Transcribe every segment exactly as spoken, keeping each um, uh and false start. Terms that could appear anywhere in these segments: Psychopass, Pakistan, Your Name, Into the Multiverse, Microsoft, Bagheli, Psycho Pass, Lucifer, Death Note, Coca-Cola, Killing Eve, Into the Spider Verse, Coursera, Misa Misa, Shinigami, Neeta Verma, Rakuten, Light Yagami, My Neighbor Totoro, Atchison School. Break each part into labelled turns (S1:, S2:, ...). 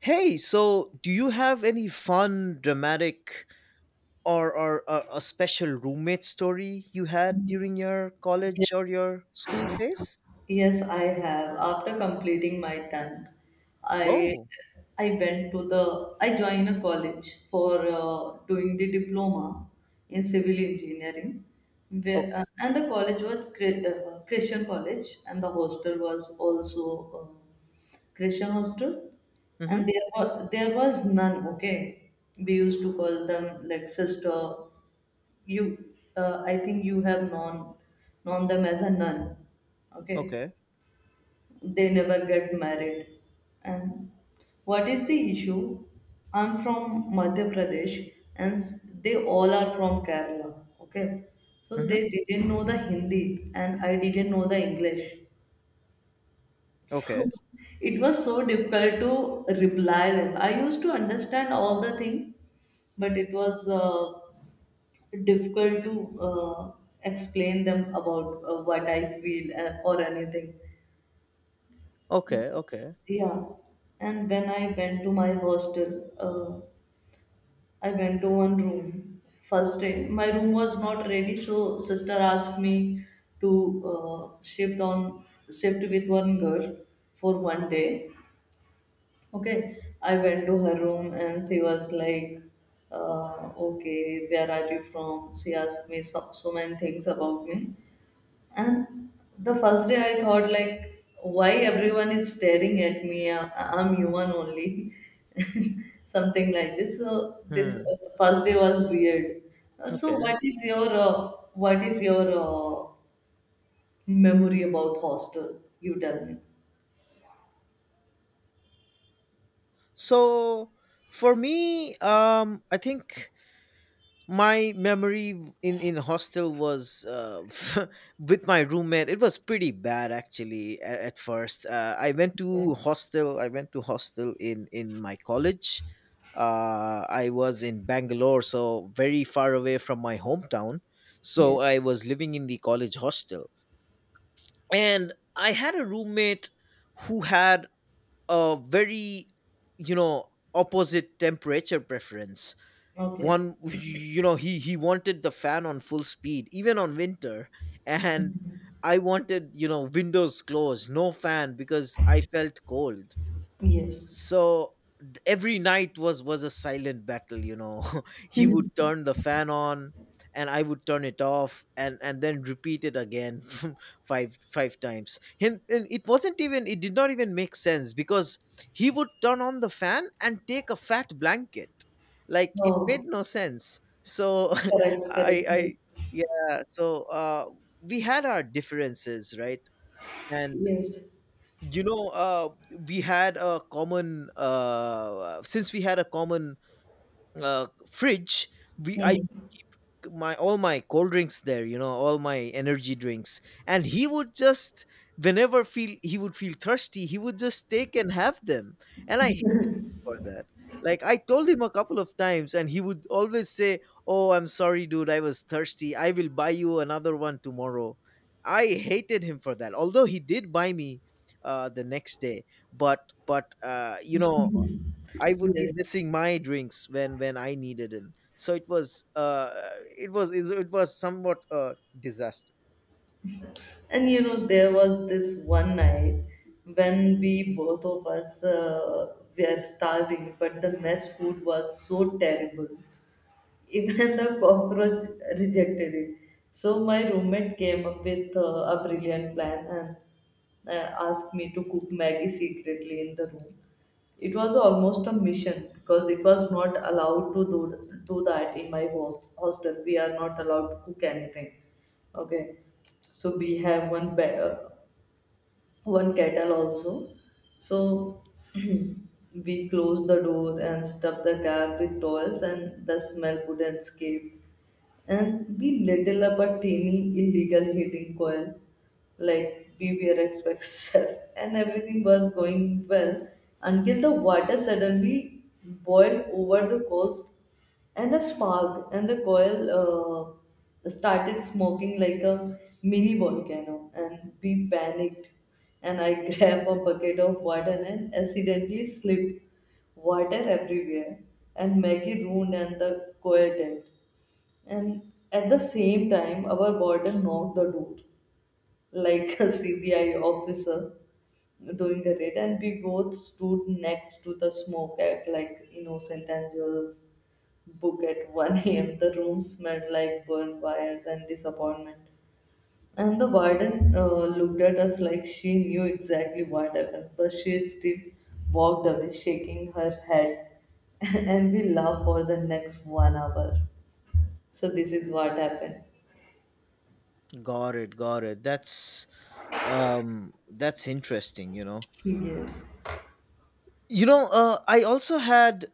S1: Hey, so do you have any fun, dramatic, or, or a, a special roommate story you had during your
S2: Ye-
S1: college or your school phase?
S2: Yes, I have. After completing my tenth, I
S1: Oh,
S2: I went to the I joined a college for uh, doing the diploma in civil engineering. Where,
S1: oh,
S2: uh, and the college was Chri- uh, Christian college, and the hostel was also uh, Christian hostel,
S1: mm-hmm.
S2: and there was there was none. Okay, we used to call them like sister. You uh, I think you have known known them as a nun. Okay,
S1: Okay,
S2: they never get married. And what is the issue, I'm from Madhya Pradesh, and s- they all are from Kerala. Okay, so
S1: mm-hmm.
S2: they didn't know the Hindi, and I didn't know the English. So
S1: Okay,
S2: it was so difficult to reply them. I used to understand all the thing, but it was uh, difficult to uh, explain them about uh, what I feel uh, or anything.
S1: okay, okay,
S2: Yeah, and when I went to my hostel, uh, I went to one room. First day, my room was not ready, so sister asked me to uh, shift on shift with one girl for one day. Okay, I went to her room and she was like, uh, "Okay, where are you from?" She asked me so, so many things about me, and the first day I thought like, why everyone is staring at me? I- I'm human only. Something like this. So this
S1: hmm,
S2: uh, first day was weird. Uh, So
S1: okay.
S2: what is your uh, what is your uh, memory about hostel? You tell me.
S1: So for me, um, I think my memory in in hostel was uh, with my roommate it was pretty bad actually at, at first, uh, I went to hostel I went to hostel in in my college. uh, I was in Bangalore, so very far away from my hometown. So
S2: Yeah.
S1: I was living in the college hostel, and I had a roommate who had a very, you know opposite temperature preference.
S2: Okay.
S1: One, you know he he wanted the fan on full speed even on winter, and
S2: Mhm.
S1: I wanted, you know windows closed, no fan, because I felt cold.
S2: Yes.
S1: So d- every night was was a silent battle, you know He would turn the fan on and I would turn it off, and and then repeat it again. five five times, him. And it wasn't even, it did not even make sense, because he would turn on the fan and take a fat blanket. Like, it made
S2: Oh,
S1: no sense. So
S2: correct,
S1: I
S2: correct. Yes.
S1: I yeah. So uh we had our differences, right? And,
S2: Yes.
S1: you know, uh, we had a common, uh, since we had a common, uh, fridge, we I
S2: Mhm.
S1: my, all my cold drinks there, you know, all my energy drinks, and he would just, whenever feel he would feel thirsty, he would just take and have them. And I for that. Like I told him a couple of times, and he would always say, "Oh, I'm sorry, dude. I was thirsty. I will buy you another one tomorrow." I hated him for that. Although he did buy me uh, the next day, but but uh, you know, I would be
S2: Yes.
S1: missing my drinks when when I needed them. So it was uh, it was it was somewhat a disaster.
S2: And you know, there was this one night when we both of us uh, were starving, but the mess food was so terrible even the cockroach rejected it. So my roommate came up with uh, a brilliant plan and uh, asked me to cook Maggie secretly in the room. It was almost a mission because it was not allowed to do, do that in my host, hostel. We are not allowed to cook anything. Okay, so we have one be- uh, one kettle also. So we closed the door and stuffed the cap with towels, and the smell couldn't escape, and be little about teeny illegal heating coil like B B R X itself. And everything was going well until the water suddenly boiled over the coast, and a spark and the coil uh, started smoking like a mini volcano, and we panicked, and I grabbed a bucket of water and accidentally slipped water everywhere, and Maggie ruined and the coil tent. And at the same time, our warden knocked the door like a C B I officer doing a raid, and we both stood next to the smoke, act like innocent angels. Book at one a m. The room smelled like burned wires and disappointment. And the warden uh, looked at us like she knew exactly what happened, but she still walked away, shaking her head. And we laughed for the next one hour. So, this is what happened.
S1: Got it, got it. That's um that's interesting, you know.
S2: Yes.
S1: You know, uh I also had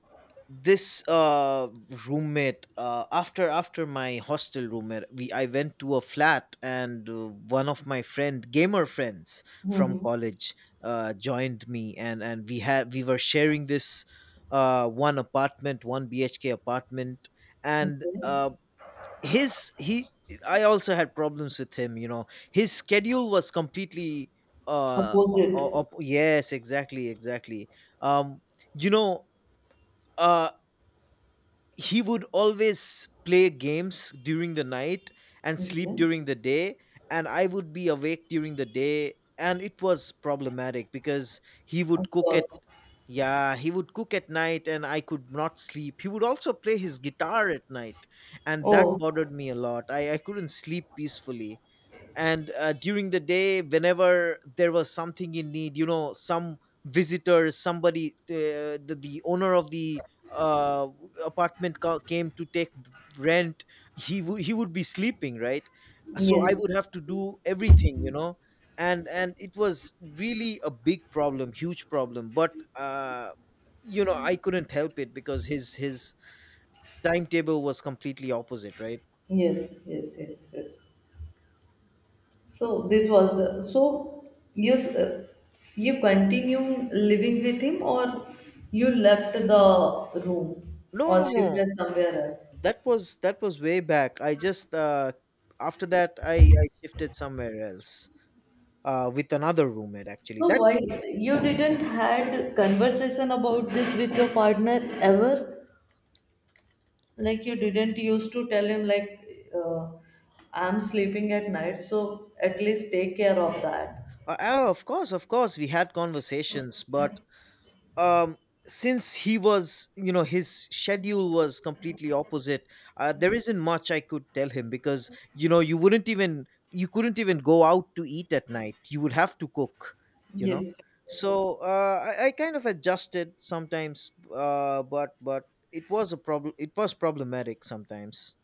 S1: this uh roommate, uh after after my hostel roommate. We i went to a flat, and uh, one of my friend gamer friends from
S2: Hmm.
S1: college uh joined me, and and we had we were sharing this uh one apartment, one BHK apartment, and
S2: Okay.
S1: uh his he I also had problems with him. You know, his schedule was completely uh o- o-
S2: Opposite.
S1: op- yes, exactly, exactly. um you know, uh he would always play games during the night and sleep
S2: Okay.
S1: during the day. And I would be awake during the day, and it was problematic because he
S2: Of
S1: would cook at,
S2: course.
S1: yeah, he would cook at night, and I could not sleep. He would also play his guitar at night, and that
S2: Oh,
S1: bothered me a lot. i, I couldn't sleep peacefully. And uh, during the day, whenever there was something in need, you know, some visitors, somebody, uh, the, the owner of the, uh, apartment ca- came to take rent, he would, he would be sleeping, right? So
S2: yes.
S1: I would have to do everything, you know. And and it was really a big problem, huge problem. But uh you know, I couldn't help it because his his timetable was completely opposite, right?
S2: Yes, yes, yes, yes. So this was the so you s- uh, you continue living with him, or you left the room,
S1: No,
S2: or
S1: no, no,
S2: shifted somewhere else?
S1: that was that was way back. I just, uh after that, i i shifted somewhere else uh with another roommate. Actually,
S2: So
S1: that
S2: why
S1: roommate,
S2: you didn't had conversation about this with your partner ever? Like you didn't used to tell him like uh, I'm sleeping at night, so at least take care of that.
S1: uh, oh, of course, of course we had conversations, but um since he was, you know, his schedule was completely opposite, uh, there isn't much I could tell him, because, you know, you wouldn't even, you couldn't even go out to eat at night. You would have to cook, you know.
S2: Yes.
S1: So uh, I, I kind of adjusted sometimes, uh, but but it was a problem, it was problematic sometimes.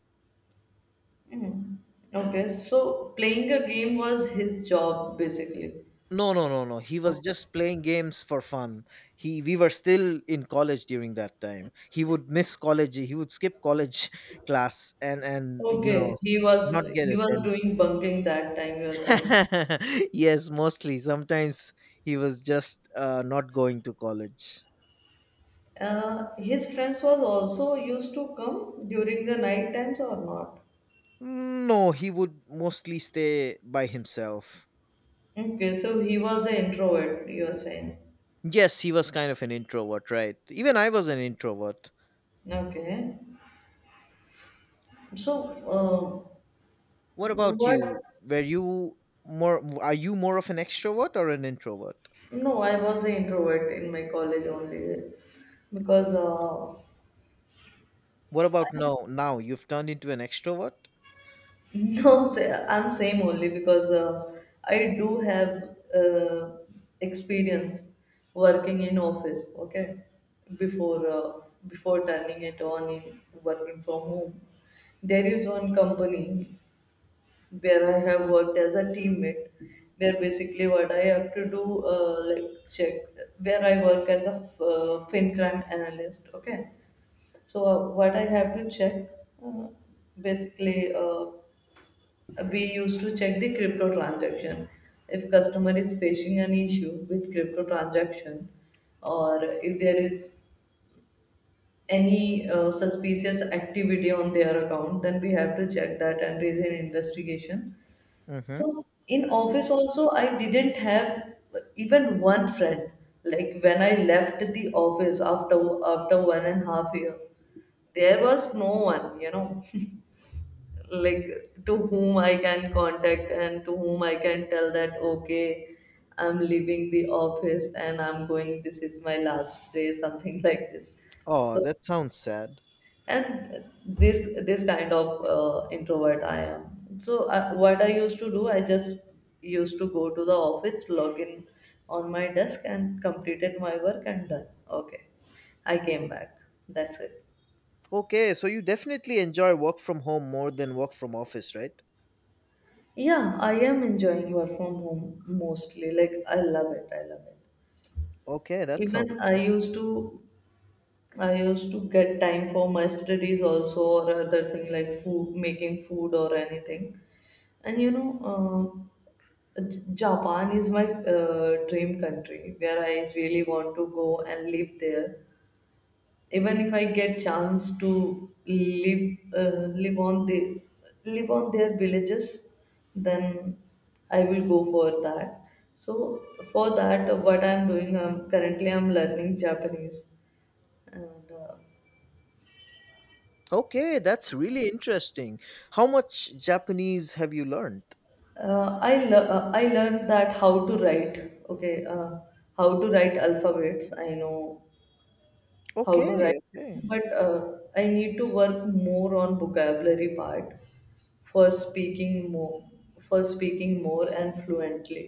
S2: Mm. Okay, so playing a game was his job, basically.
S1: No, no, no, no. He was
S2: Okay.
S1: just playing games for fun. He we were still in college during that time. He would miss college. He would skip college class and and you
S2: Okay,
S1: know,
S2: he was
S1: not get
S2: he was
S1: attended.
S2: doing bunking that time, you were saying.
S1: Yes, mostly. Sometimes he was just uh, not going to college.
S2: Uh, his friends was also used to come during the night times or not?
S1: No, he would mostly stay by himself.
S2: Okay, so he was an introvert, you were saying.
S1: Yes, he was kind of an introvert, right? Even I was an introvert.
S2: Okay, so uh,
S1: What about
S2: what?
S1: you? Were you more? Are you more of an extrovert or an introvert?
S2: No, I was an introvert in my college only because uh,
S1: What about now? Now you've turned into an extrovert?
S2: no, say, I'm same only because uh, I do have uh, experience working in office. Okay, before uh, before turning it on in working from home, there is one company where I have worked as a teammate. Where basically what I have to do, uh, like check, where I work as a f- uh, fin crime analyst. Okay. So uh, what I have to check, uh, basically, uh, we used to check the crypto transaction. If customer is facing an issue with crypto transaction, or if there is any uh, suspicious activity on their account, then we have to check that and raise an investigation.
S1: Mm-hmm.
S2: So in office also, I didn't have even one friend. Like when I left the office after after one and a half year, there was no one, you know, like to whom I can contact and to whom I can tell that, okay, I'm leaving the office and I'm going. This is my last day, something like this.
S1: Oh,
S2: So,
S1: that sounds sad.
S2: and this this kind of uh, introvert I am. So uh, what I used to do, I just used to go to the office, log in on my desk, and completed my work, and done. Okay, I came back, that's it.
S1: Okay, so you definitely enjoy work from home more than work from office, right?
S2: Yeah, I am enjoying work from home mostly, like I love it. I love it.
S1: Okay, that
S2: Even
S1: sounds
S2: i
S1: nice.
S2: used to I used to get time for my studies also, or other thing like food, making food or anything. And you know, uh, J- Japan is my uh, dream country where I really want to go and live there. Even if I get chance to live uh, live on the live on their villages, then I will go for that. So for that, uh, what I'm doing, I'm currently I'm learning Japanese, and uh,
S1: Okay, that's really interesting. How much Japanese have you learned?
S2: uh, I le- uh, I learned that how to write. Okay, uh, how to write alphabets. I know how to
S1: Okay,
S2: write,
S1: okay.
S2: but uh, I need to work more on vocabulary part, for speaking more for speaking more and fluently.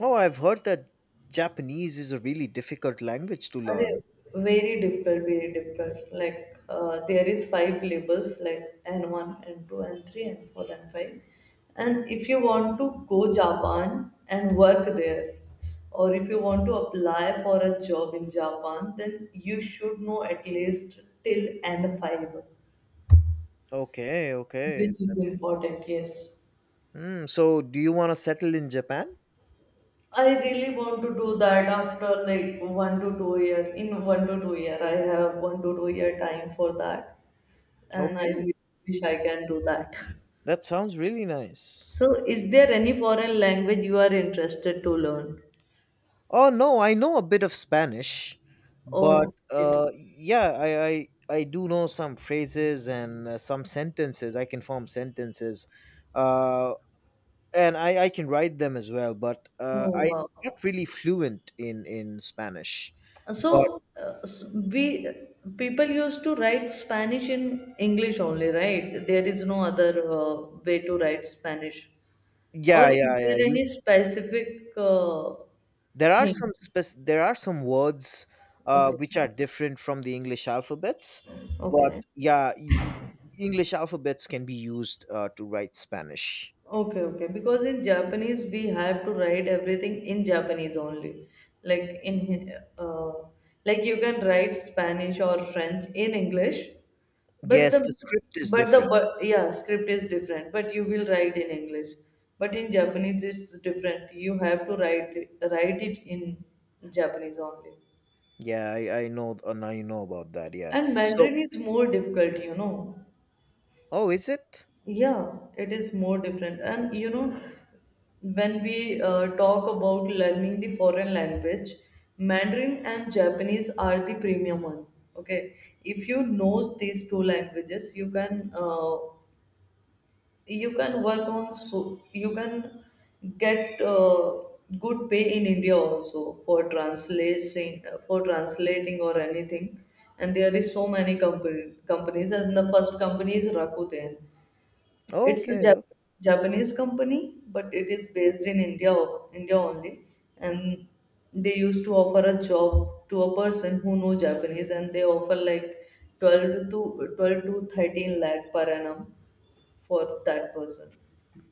S1: Oh, I've heard that Japanese is a really difficult language to
S2: Are
S1: learn.
S2: very difficult, very difficult. Like uh, there is five labels like N one, N two, N three, N four, N five. And if you want to go Japan and work there, or if you want to apply for a job in Japan, then you should know at least till N five.
S1: Okay, okay.
S2: Which is important, yes.
S1: Hmm. So do you want to settle in Japan?
S2: I really want to do that after like one to two year. In one to two year, I have one to two year time for that, and I
S1: Okay.
S2: wish I can do that.
S1: That sounds really nice.
S2: So, is there any foreign language you are interested to learn?
S1: Oh no, I know a bit of Spanish, but
S2: Oh, it.
S1: uh, yeah, I, I I do know some phrases and uh, some sentences. I can form sentences, uh, and I, I can write them as well. But uh,
S2: Oh,
S1: I'm
S2: wow.
S1: not really fluent in in Spanish. But
S2: So, uh, s- we people used to write Spanish in English only, right? There is no other uh, way to write Spanish.
S1: yeah,
S2: Or is
S1: yeah, yeah.
S2: there
S1: You.
S2: any specific uh,
S1: There are
S2: thing?
S1: some spec- there are some words uh,
S2: Okay,
S1: which are different from the English alphabets, but
S2: okay,
S1: yeah, y- English alphabets can be used uh, to write Spanish.
S2: okay, okay. Because in Japanese, we have to write everything in Japanese only. Like in, Hin- uh, like you can write Spanish or French in English, but
S1: Yes,
S2: the
S1: the script is
S2: but the
S1: different.
S2: wo- yeah, script is different. But you will write in English. But in Japanese, it's different. You have to write it- write it in Japanese only.
S1: Yeah, I, I know. Uh, now you know about that. Yeah.
S2: And
S1: So,
S2: Mandarin is more difficult, you know.
S1: oh, is it?
S2: Yeah, it is more different. And you know, when we uh, talk about learning the foreign language, Mandarin and Japanese are the premium one. Okay, if you know these two languages, you can uh, you can work on, so you can get uh, good pay in India also, for translating for translating or anything. And there is so many company, companies, and the first company is Rakuten.
S1: Oh,
S2: It's
S1: okay,
S2: a
S1: okay,
S2: Jap- Japanese company, but it is based in India, India only. And they used to offer a job to a person who know Japanese, and they offer like twelve to twelve to thirteen lakh per annum for that person.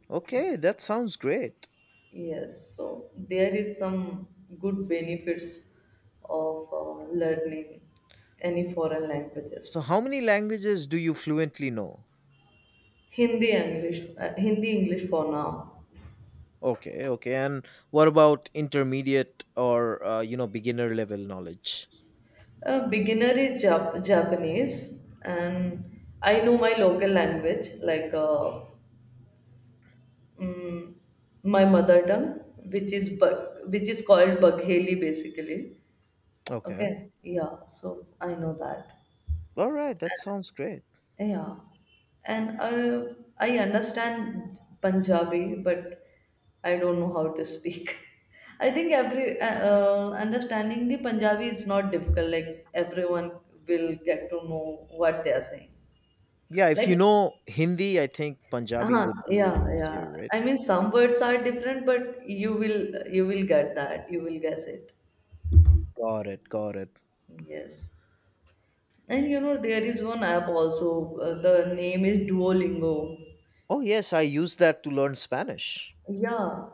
S1: okay. That sounds great.
S2: Yes, so there is some good benefits of uh, learning any foreign
S1: So,
S2: languages.
S1: how many languages do you fluently know?
S2: Hindi English, uh, Hindi English for now.
S1: Okay, okay. And what about intermediate or, uh, you know, beginner level knowledge?
S2: A beginner is Jap- Japanese, and I know my local language, like uh, mm, my mother tongue, which is Bag- which is called Bagheli, basically.
S1: Okay.
S2: Okay, yeah. So I know that.
S1: All right. That sounds great.
S2: Yeah, and I I understand Punjabi, but I don't know how to speak. I think every uh, uh, understanding the Punjabi is not difficult. Like everyone will get to know what they are saying.
S1: Yeah, if
S2: like
S1: you know Hindi, I think Punjabi
S2: uh
S1: would
S2: yeah,
S1: be
S2: yeah,
S1: easier, right?
S2: I mean some words are different, but you will you will get that, you will guess it.
S1: Got it, got it.
S2: Yes. And you know, there is one app also, uh, the name is Duolingo.
S1: Oh yes, I use that to learn Spanish.
S2: Yeah,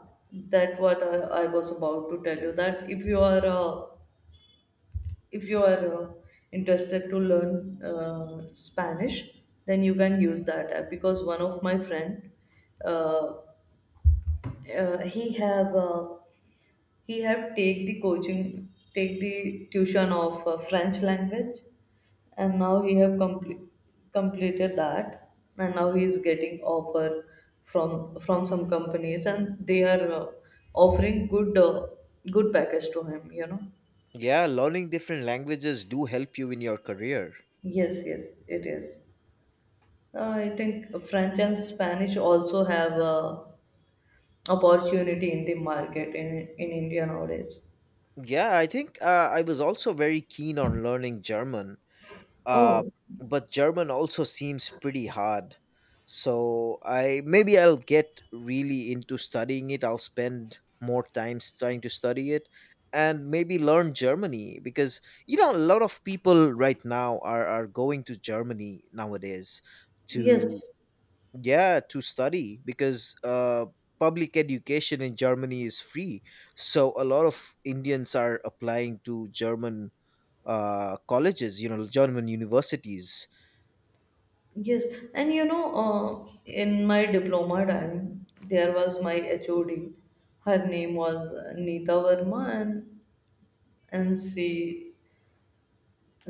S2: that what I, I was about to tell you that, if you are uh, if you are uh, interested to learn uh, Spanish, then you can use that app, because one of my friend uh, uh, he have uh, he have take the coaching, take the tuition of uh, French language, and now he have complete completed that, and now he is getting offer from from some companies, and they are uh, offering good uh, good package to him. You know.
S1: Yeah, learning different languages do help you in your career.
S2: Yes, yes, it is. Uh, I think French and Spanish also have uh, opportunity in the market in in India nowadays.
S1: Yeah, I think uh, I was also very keen on learning German, uh,
S2: Oh,
S1: but German also seems pretty hard. So I, maybe I'll get really into studying it. I'll spend more time s- trying to study it and maybe learn Germany, because, you know, a lot of people right now are are going to Germany nowadays to,
S2: yes,
S1: yeah, to study, because uh public education in Germany is free. So a lot of Indians are applying to German, uh, colleges, you know, German universities.
S2: yes, and you know, uh, in my diploma time, there was my H O D. Her name was uh, Neeta Verma, and and she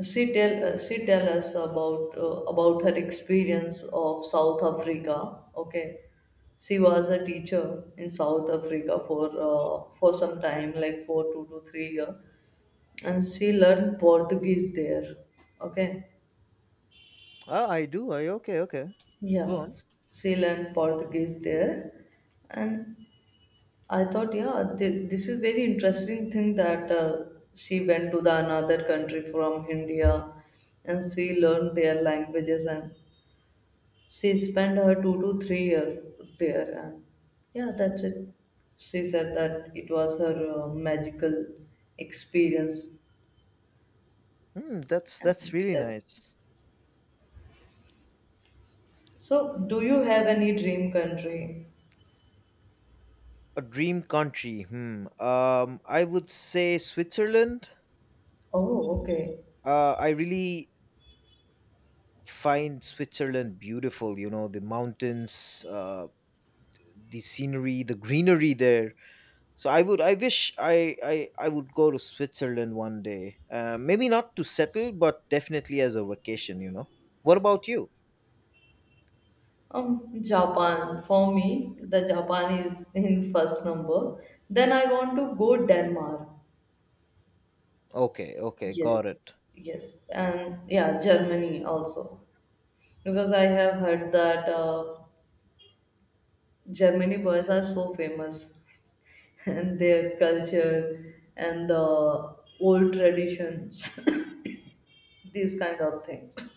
S2: she tell uh, she tell us about uh, about her experience of South Africa. Okay, she was a teacher in South Africa for uh, for some time, like for two to three year, and she learned Portuguese there. Okay,
S1: Ah, I do. I okay, okay. Go
S2: yeah,
S1: on.
S2: she learned Portuguese there and I thought, yeah, th- this is very interesting thing that uh, she went to the another country from India, and she learned their languages, and she spent her two to three year there, and yeah, that's it. She said that it was her uh, magical experience,
S1: Hmm, that's
S2: and
S1: that's really
S2: that.
S1: nice.
S2: So, do you have any dream country?
S1: A dream country. Hmm. Um, I would say Switzerland.
S2: Oh, okay.
S1: Uh, I really find Switzerland beautiful. You know, the mountains, uh, the scenery, the greenery there. So I would. I wish I I I would go to Switzerland one day. Uh, maybe not to settle, but definitely as a vacation. You know. What about you?
S2: Um, Japan for me, the Japan is in first number. Then I want to go Denmark.
S1: Okay. Okay. Got
S2: Yes,
S1: it.
S2: yes, and yeah, Germany also because I have heard that uh, Germany boys are so famous and their culture and the old traditions, these kind of things.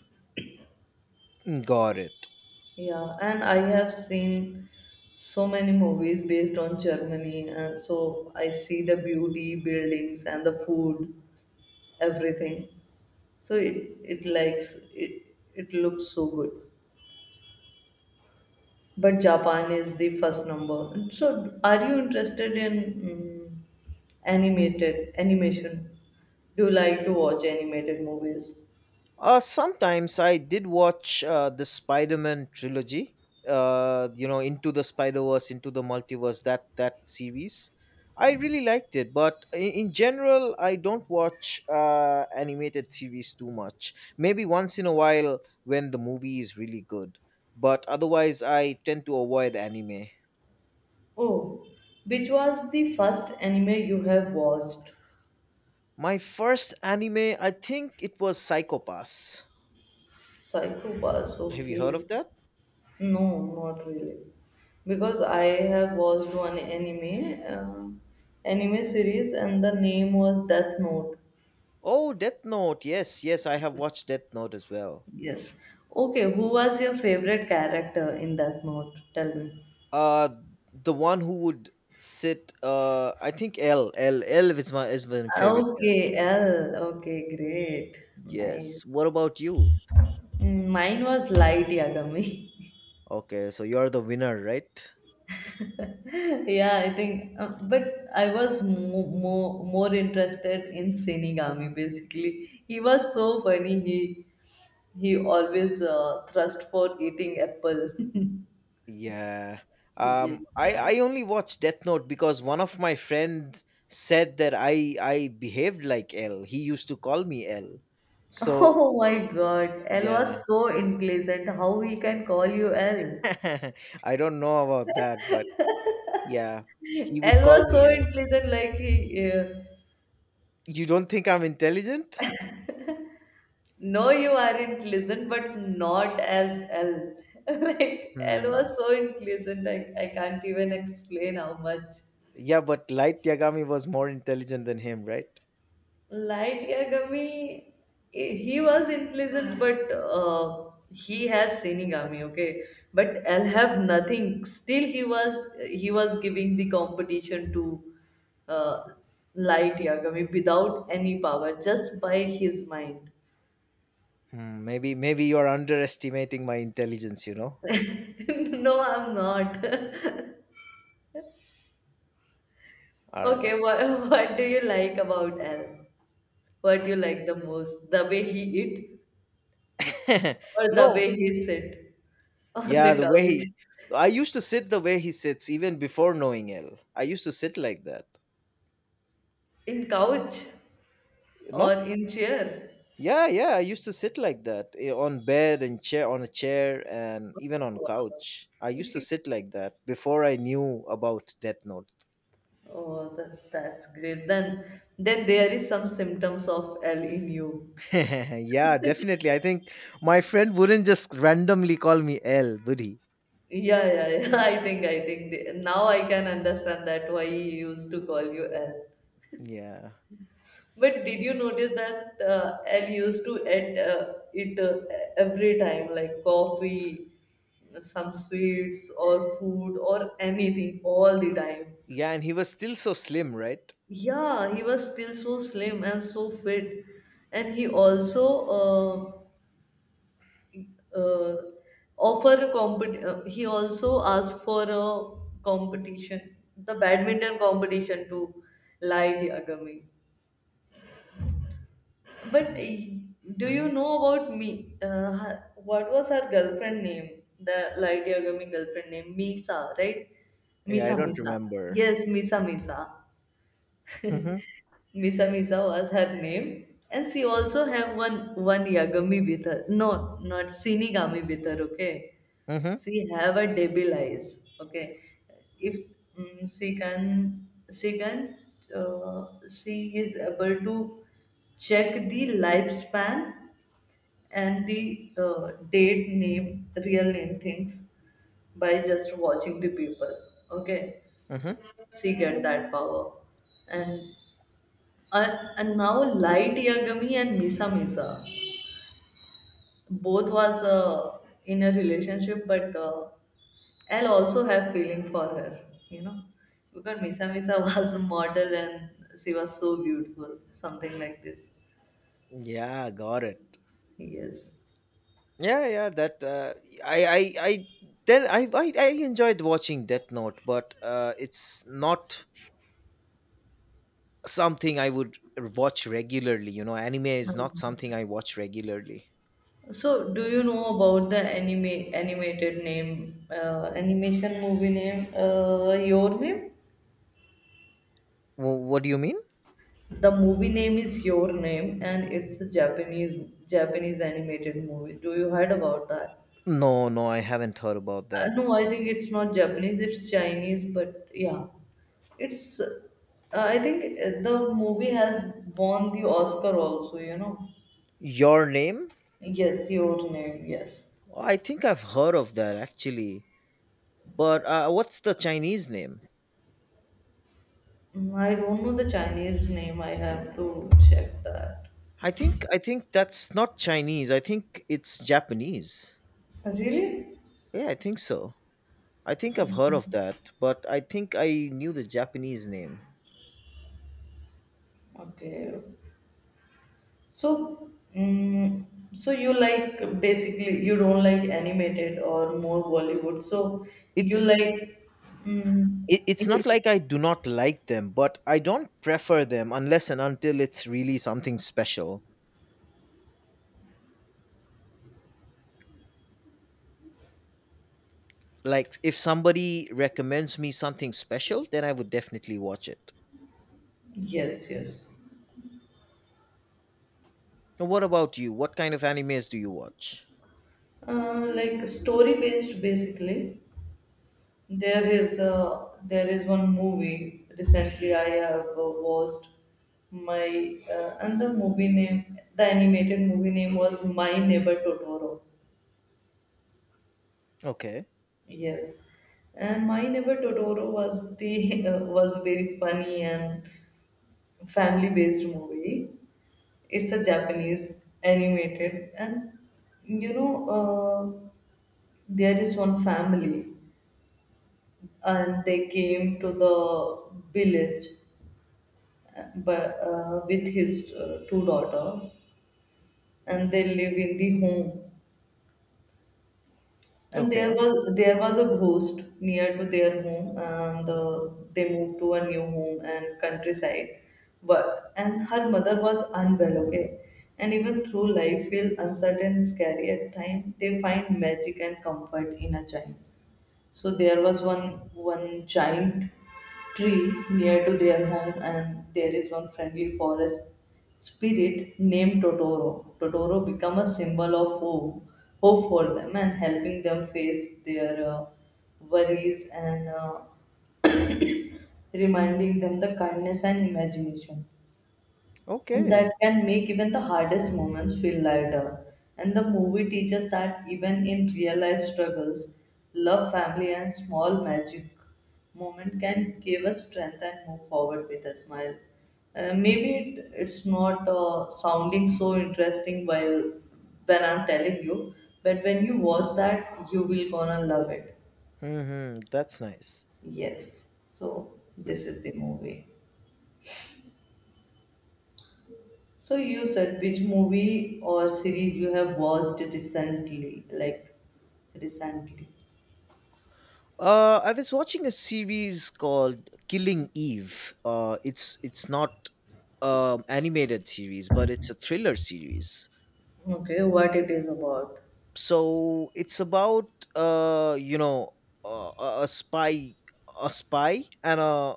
S1: Got it.
S2: Yeah, and I have seen so many movies based on Germany, and so I see the beauty, buildings, and the food, everything. So it it likes it it looks so good. But Japan is the first number. And so are you interested in mm, animated animation? Do you like to watch animated movies?
S1: Uh, sometimes I did watch uh, the Spider Man trilogy. Uh, you know, Into the Spider Verse, Into the Multiverse. That that series, I really liked it. But in, in general, I don't watch uh, animated series too much. Maybe once in a while when the movie is really good. But otherwise, I tend to avoid anime.
S2: Oh, which was the first anime you have watched?
S1: My first anime, I think it was Psychopass.
S2: Psycho Pass.
S1: Have you heard
S2: Okay.
S1: of that?
S2: No, not really. Because I have watched one anime, uh, anime series, and the name was Death Note.
S1: Oh, Death Note. Yes, yes, I have watched Death Note as well.
S2: Yes. Okay, who was your favorite character in Death Note? Tell me.
S1: Uh the one who would sit, uh I think L L L is my is my favorite character.
S2: Okay, L. Okay, great.
S1: Yes.
S2: Nice.
S1: What about you?
S2: Mm, mine was Light Yagami.
S1: Okay, so you're the winner, right?
S2: Yeah, I think, uh, but I was mo more more interested in Shinigami basically. He was so funny. He He always uh, thrust for eating apple.
S1: Yeah. Um
S2: Yes.
S1: I I only watched Death Note because one of my friend said that I I behaved like L. He used to call me L. So,
S2: Oh my God, L
S1: yeah.
S2: was so unpleasant. How he can call you L?
S1: I don't know about that, but yeah, he would
S2: L
S1: call
S2: was so
S1: me.
S2: unpleasant. Like he, uh,
S1: You don't think I'm intelligent?
S2: no, you are unpleasant, but not as L. Like L
S1: Hmm.
S2: was so unpleasant. I I can't even explain how much.
S1: Yeah, but Light Yagami was more intelligent than him, right?
S2: Light Yagami, he was intelligent, but uh, he have Shinigami, okay. But I'll have nothing. Still, he was he was giving the competition to uh, Light Yagami without any power, just by his mind.
S1: Hmm, maybe, maybe you're underestimating my intelligence, you know?
S2: No, I'm not.
S1: All right.
S2: Okay, what what do you like about Al? What do you like the most? The way he eat or the
S1: No.
S2: way he sit on the
S1: Yeah, the way
S2: couch?
S1: he, I used to sit the way he sits even before knowing L. I used to sit like that.
S2: In couch? Or
S1: Not
S2: in chair.
S1: yeah, yeah, I used to sit like that, eh, on bed and chair, on a chair, and even on couch. I used to sit like that before I knew about Death Note.
S2: Oh, that, that's great. Then, then there is some symptoms of L in you.
S1: Yeah, definitely. I think my friend wouldn't just randomly call me L, would he?
S2: Yeah, yeah, yeah. I think, I think the, now I can understand that why he used to call you L.
S1: Yeah.
S2: But did you notice that uh, L used to eat uh, it uh, every time, like coffee, some sweets, or food, or anything, all the time?
S1: Yeah, and he was still so slim, right?
S2: Yeah, he was still so slim and so fit, and he also. Uh, uh, offer a compet- uh, he also asked for a competition the badminton competition to Light Yagami but
S1: Mm-hmm.
S2: uh, do you know about me uh, her- what was her girlfriend name the Light Yagami girlfriend name Misa right?
S1: Yeah, I
S2: Misa
S1: don't
S2: Misa,
S1: remember.
S2: yes, Misa Misa.
S1: Mm-hmm.
S2: Misa Misa was her name, and she also have one one Yagami with her. No, not Shinigami with her. Okay,
S1: Mm-hmm.
S2: she have a devil eyes. Okay, if mm, she can, she can, uh, she is able to check the lifespan and the uh, date name, real name things by just watching the people. Okay,
S1: Mm-hmm.
S2: she get that power and and, and now Light Yagami and Misa Misa. Both was uh, in a relationship, but uh, I'll also have feeling for her, you know, because Misa Misa was a model and she was so beautiful, something like this.
S1: Yeah, got it.
S2: Yes.
S1: Yeah, yeah. That uh, I, I, I. Then I, I, I enjoyed watching Death Note, but uh, it's not something I would watch regularly. You know, anime is not something
S2: Mhm.
S1: I watch regularly.
S2: So, do you know about the anime animated name, uh, animation movie name, uh, Your Name?
S1: Wh- what do you mean?
S2: The movie name is Your Name, and it's a Japanese Japanese animated movie. Do you heard about that?
S1: No, no, I haven't heard about
S2: Uh,
S1: that.
S2: no, I think it's not Japanese. It's Chinese, but yeah, it's. Uh, I think uh, the movie has won the Oscar also. You know.
S1: Your name?
S2: Yes, Your Name. Yes.
S1: Oh, I think I've heard of that actually. But uh, what's the Chinese name?
S2: Mm, I don't know the Chinese name. I have to check that.
S1: I think I think that's not Chinese. I think it's Japanese.
S2: Really?
S1: Yeah, I think so. I think I've heard of that, but I think I knew the Japanese name.
S2: Okay. So, mm so you like basically you don't like animated or more Bollywood. So you
S1: It's
S2: like, mm,
S1: it, it's not
S2: you-
S1: like I do not like them, but I don't prefer them unless and until it's really something special. Like if somebody recommends me something special, then I would definitely watch it.
S2: yes, yes,
S1: Now, what about you? What kind of animes do you watch?
S2: uh, like story based basically. There is a there is one movie recently I have uh, watched my uh, and the movie name the animated movie name was My Neighbor Totoro.
S1: Okay.
S2: Yes, and My Neighbor Totoro was the uh, was a very funny and family based movie. It's a Japanese animated, and you know uh, there is one family, and they came to the village, uh, but uh, with his uh, two daughter, and they live in the home. And there
S1: Okay.
S2: was there was a ghost near to their home, and uh, they moved to a new home and countryside. But and her mother was unwell, okay. And even through life feel uncertain, scary at times, they find magic and comfort in a child. So there was one one giant tree near to their home, and there is one friendly forest spirit named Totoro. Totoro become a symbol of hope, hope for them, and helping them face their uh, worries and uh, reminding them the kindness and imagination and that
S1: Okay.
S2: can make even the hardest moments feel lighter. And the movie teaches that even in real life struggles, love, family, and small magic moment can give us strength and move forward with a smile. Uh, maybe it, it's not uh, sounding so interesting while when I'm telling you, but when you watch that, you will gonna love it.
S1: Hmm, that's nice.
S2: Yes. So this is the movie. So you said which movie or series you have watched recently, like recently.
S1: Uh, I was watching a series called Killing Eve. Uh, it's it's not um animated series, but it's a thriller series.
S2: Okay, what it is about?
S1: So it's about, uh you know, uh, a a spy, a spy and a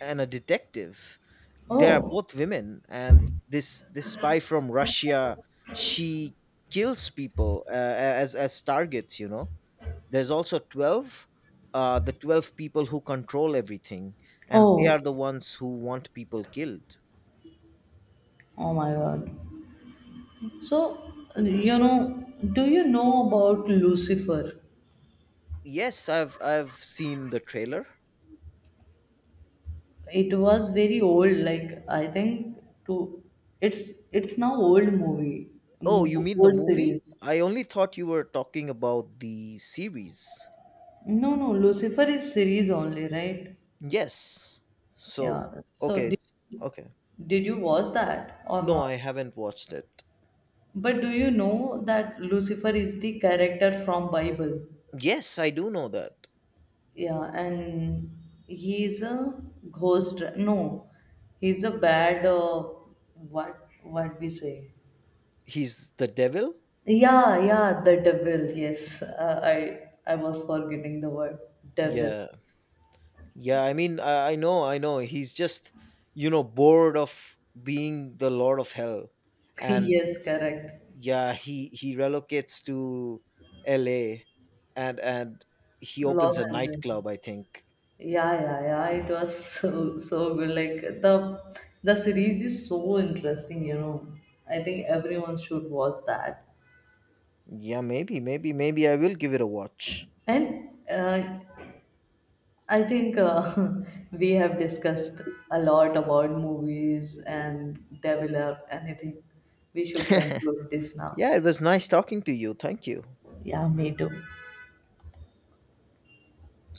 S1: and a detective. They are
S2: Oh,
S1: both women, and this this spy from Russia, she kills people, uh, a- as as targets. You know, there's also twelve, uh, the twelve people who control everything, and they
S2: oh,
S1: are the ones who want people killed.
S2: oh my God. So you know, do you know about Lucifer?
S1: Yes, I've I've seen the trailer.
S2: It was very old, like I think to it's it's now old movie,
S1: Oh, you
S2: mo-
S1: mean the
S2: old
S1: movie?
S2: series.
S1: I only thought you were talking about the series.
S2: No, no, Lucifer is series only, right?
S1: Yes. So,
S2: Yeah. So
S1: okay,
S2: did,
S1: it's okay.
S2: did you watch that or
S1: No,
S2: not?
S1: I haven't watched it.
S2: But do you know that Lucifer is the character from Bible?
S1: Yes, I do know that.
S2: Yeah, and he is a ghost. No, he's a bad. Uh, what what we say?
S1: He's the devil?
S2: Yeah, yeah, the devil. Yes, uh, I I was forgetting the word devil.
S1: Yeah. Yeah, I mean, I, I know, I know. He's just, you know, bored of being the Lord of Hell, and
S2: Yes, correct.
S1: yeah, he he relocates to L A and and he opens
S2: Los
S1: a
S2: Angeles.
S1: nightclub. I think.
S2: Yeah, yeah, yeah. It was so so good. Like the the series is so interesting, you know. I think everyone should watch that.
S1: Yeah, maybe, maybe, maybe I will give it a watch.
S2: And uh, I think uh, we have discussed a lot about movies and develop anything. We should conclude this now.
S1: Yeah, it was nice talking to you. Thank you.
S2: Yeah, me too.